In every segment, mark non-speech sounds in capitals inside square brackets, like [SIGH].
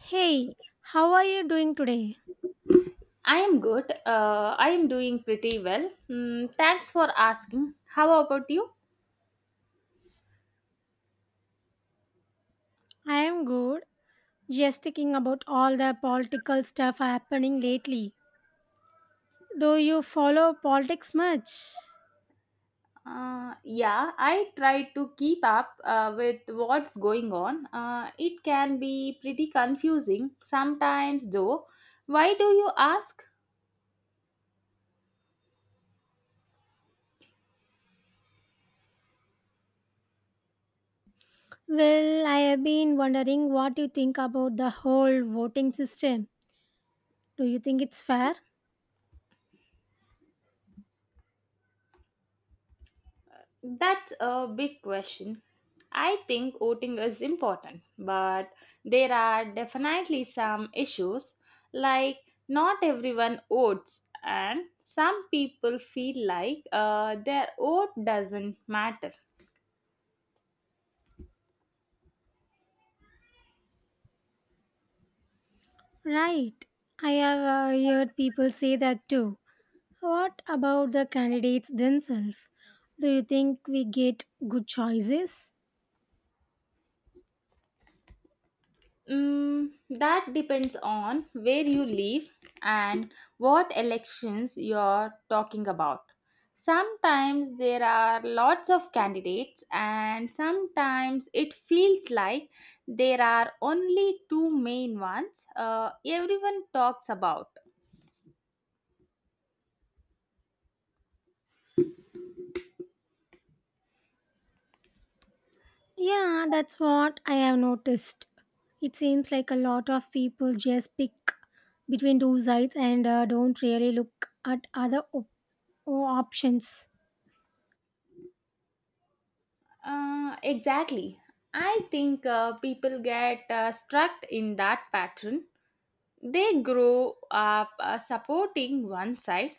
Hey, how are you doing today? I am good. I am doing pretty well. Mm, thanks for asking. How about you? I am good. Just thinking about all the political stuff happening lately. Do you follow politics much? Yeah, I try to keep up with what's going on. It can be pretty confusing sometimes, though. Why do you ask? Well, I have been wondering what you think about the whole voting system. Do you think it's fair? That's a big question. I think voting is important, but there are definitely some issues like not everyone votes, and some people feel like their vote doesn't matter. Right. I have heard people say that too. What about the candidates themselves? Do you think we get good choices? Mm, that depends on where you live and what elections you're talking about. Sometimes there are lots of candidates, and sometimes it feels like there are only two main ones everyone talks about. Yeah, that's what I have noticed. It seems like a lot of people just pick between two sides and don't really look at other options. Exactly. I think people get stuck in that pattern. They grow up supporting one side,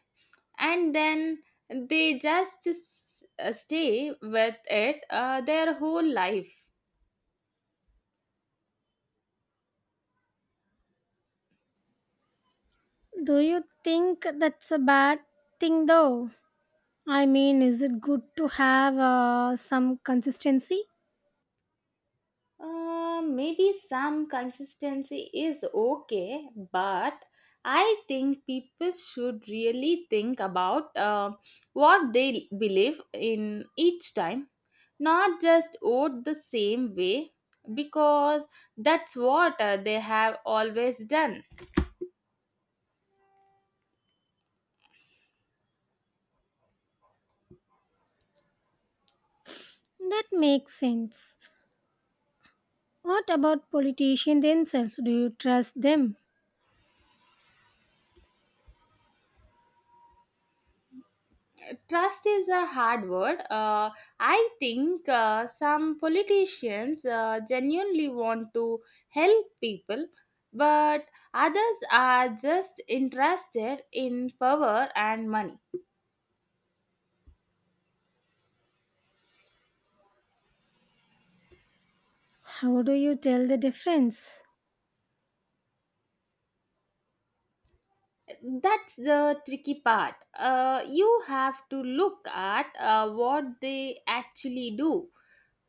and then they just stay with it their whole life. Do you think that's a bad thing though? I mean, is it good to have some consistency? Maybe some consistency is okay, but I think people should really think about what they believe in each time, not just vote the same way because that's what they have always done. That makes sense. What about politicians themselves? Do you trust them? Trust is a hard word. I think some politicians genuinely want to help people, but others are just interested in power and money. How do you tell the difference? That's the tricky part. You have to look at what they actually do,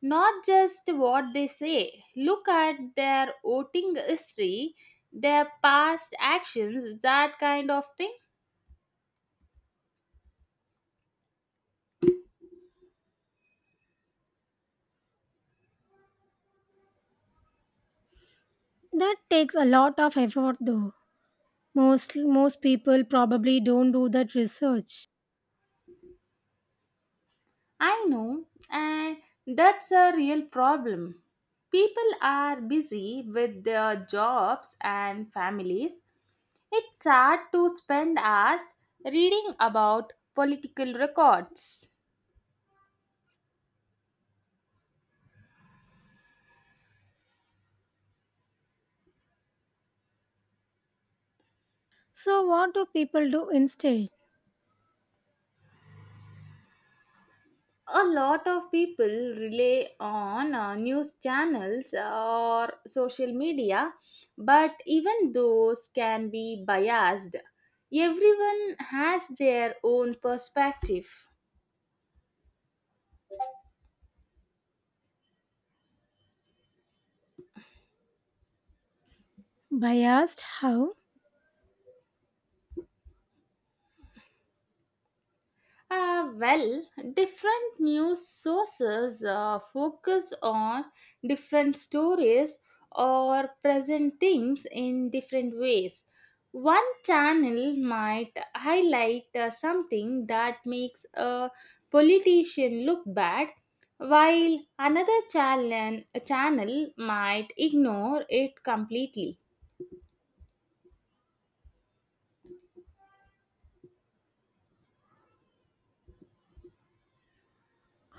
not just what they say. Look at their voting history, their past actions, that kind of thing. That takes a lot of effort though. Most people probably don't do that research. I know, and that's a real problem. People are busy with their jobs and families. It's hard to spend hours reading about political records. So what do people do instead? A lot of people rely on news channels or social media, but even those can be biased. Everyone has their own perspective. By asked how? Well, different news sources focus on different stories or present things in different ways. One channel might highlight something that makes a politician look bad, while another channel might ignore it completely.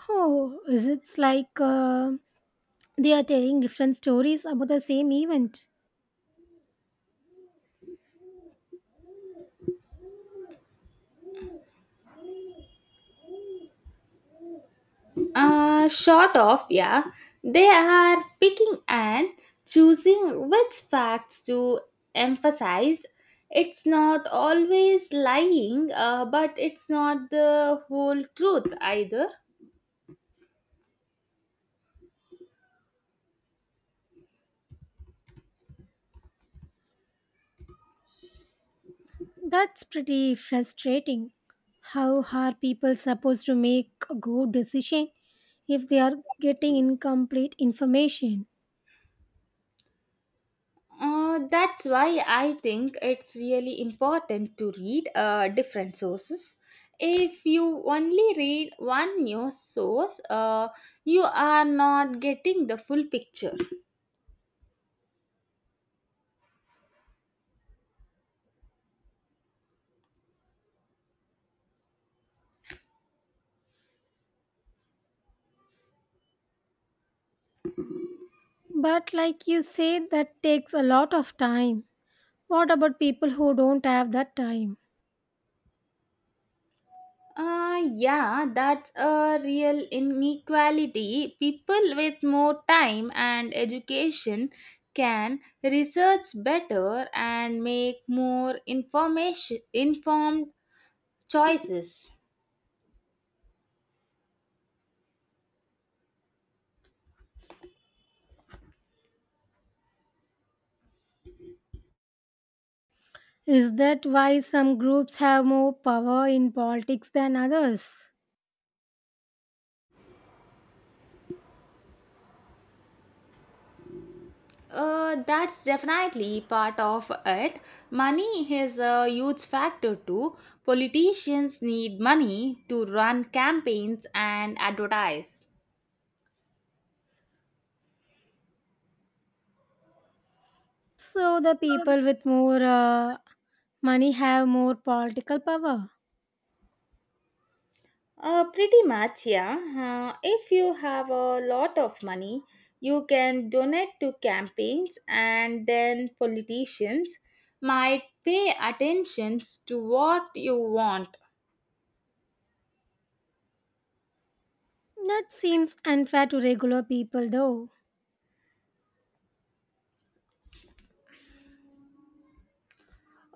Oh, is it's like they are telling different stories about the same event. Short of, yeah, they are picking and choosing which facts to emphasize. It's not always lying, but it's not the whole truth either. That's pretty frustrating. How are people supposed to make a good decision if they are getting incomplete information? That's why I think it's really important to read different sources. If you only read one news source, you are not getting the full picture. But like you said, that takes a lot of time. What about people who don't have that time? Yeah, that's a real inequality. People with more time and education can research better and make more information informed choices. Is that why some groups have more power in politics than others? That's definitely part of it. Money is a huge factor too. Politicians need money to run campaigns and advertise. So the people with more money have more political power. Pretty much, yeah. If you have a lot of money, you can donate to campaigns, and then politicians might pay attention to what you want. That seems unfair to regular people, though.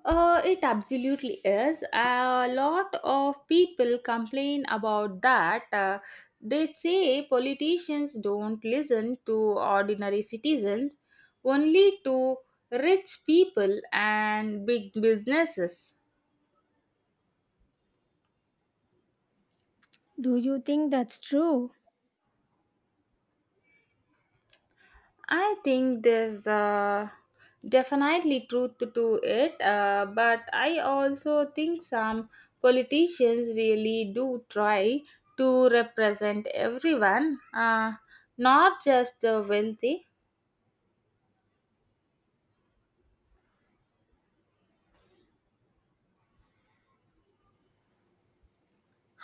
It absolutely is. A lot of people complain about that. They say politicians don't listen to ordinary citizens, only to rich people and big businesses. Do you think that's true? I think there's definitely truth to it, but I also think some politicians really do try to represent everyone, not just the wealthy.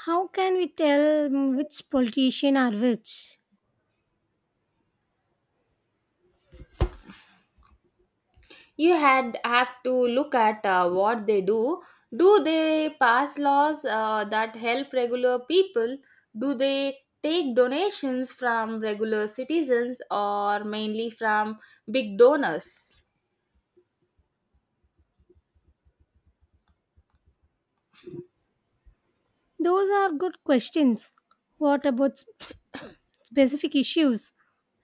How can we tell, which politician are which? You had have to look at what they do. Do they pass laws that help regular people? Do they take donations from regular citizens or mainly from big donors? Those are good questions. What about [COUGHS] specific issues?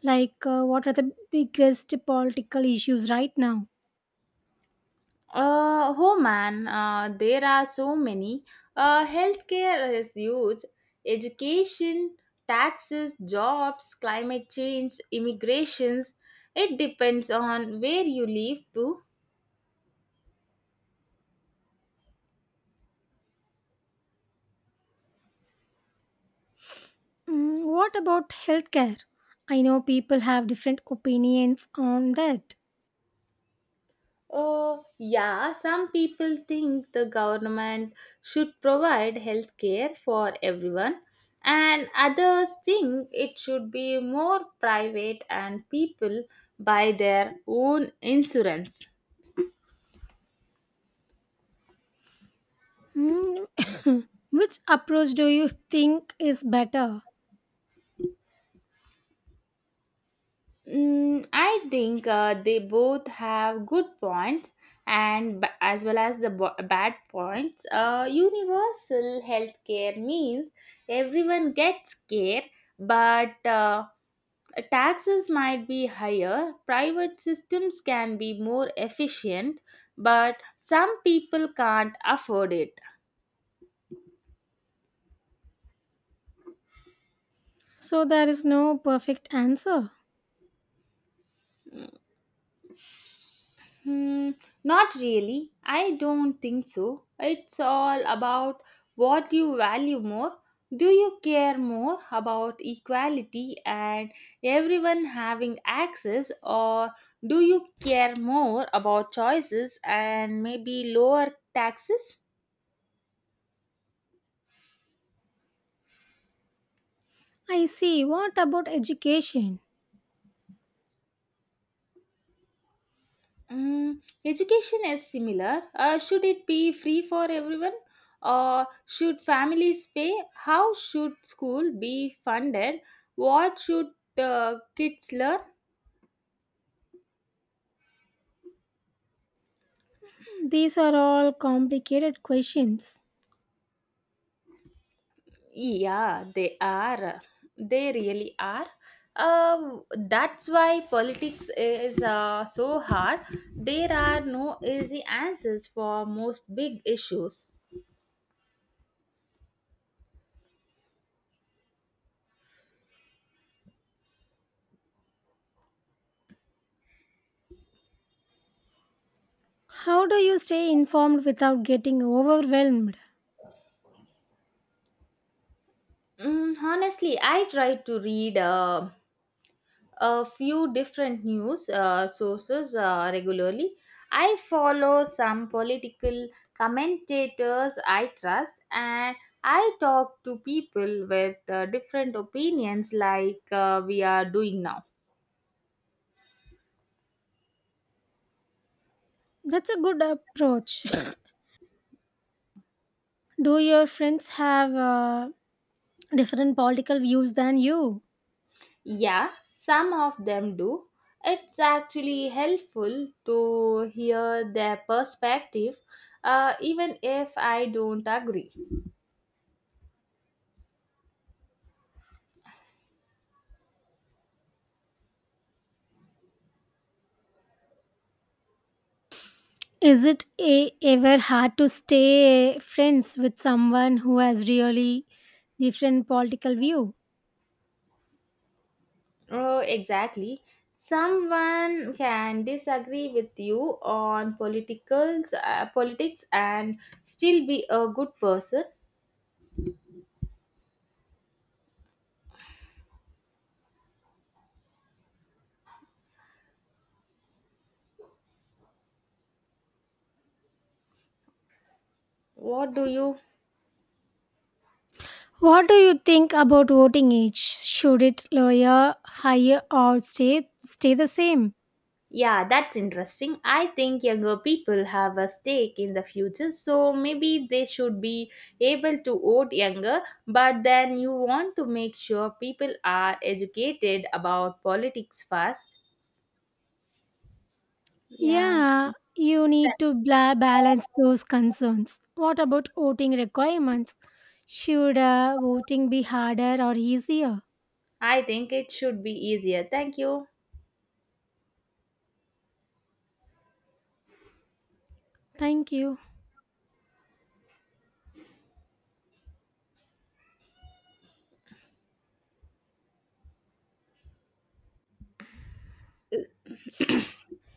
Like, what are the biggest political issues right now? Oh man, there are so many. Healthcare is huge. Education, taxes, jobs, climate change, immigrations. It depends on where you live too. Mm, what about healthcare? I know people have different opinions on that. Oh, yeah, some people think the government should provide healthcare for everyone, and others think it should be more private and people buy their own insurance. Mm, [COUGHS] which approach do you think is better? Mm, I think they both have good points and as well as the bad points. Universal healthcare means everyone gets care, but taxes might be higher. Private systems can be more efficient, but some people can't afford it. So there is no perfect answer. Hmm, not really. I don't think so. It's all about what you value more. Do you care more about equality and everyone having access, or do you care more about choices and maybe lower taxes? I see. What about education? Mm, education is similar. Should it be free for everyone? Or should families pay? How should school be funded? What should kids learn? These are all complicated questions. Yeah, they are. They really are. That's why politics is so hard. There are no easy answers for most big issues. How do you stay informed without getting overwhelmed? Mm, honestly, I try to read. A few different news sources regularly. I follow some political commentators I trust, and I talk to people with different opinions, like we are doing now. That's a good approach. [COUGHS] Do your friends have different political views than you? Yeah, some of them do. It's actually helpful to hear their perspective, even if I don't agree. Is it a, ever hard to stay friends with someone who has really different political view? Oh, exactly. Someone can disagree with you on politics and still be a good person. What do you? What do you think about voting age? Should it lower, higher, or stay the same? Yeah, that's interesting. I think younger people have a stake in the future, so maybe they should be able to vote younger. But then you want to make sure people are educated about politics first. Yeah, Yeah, you need to balance those concerns. What about voting requirements? Should voting be harder or easier? I think it should be easier. Thank you. Thank you.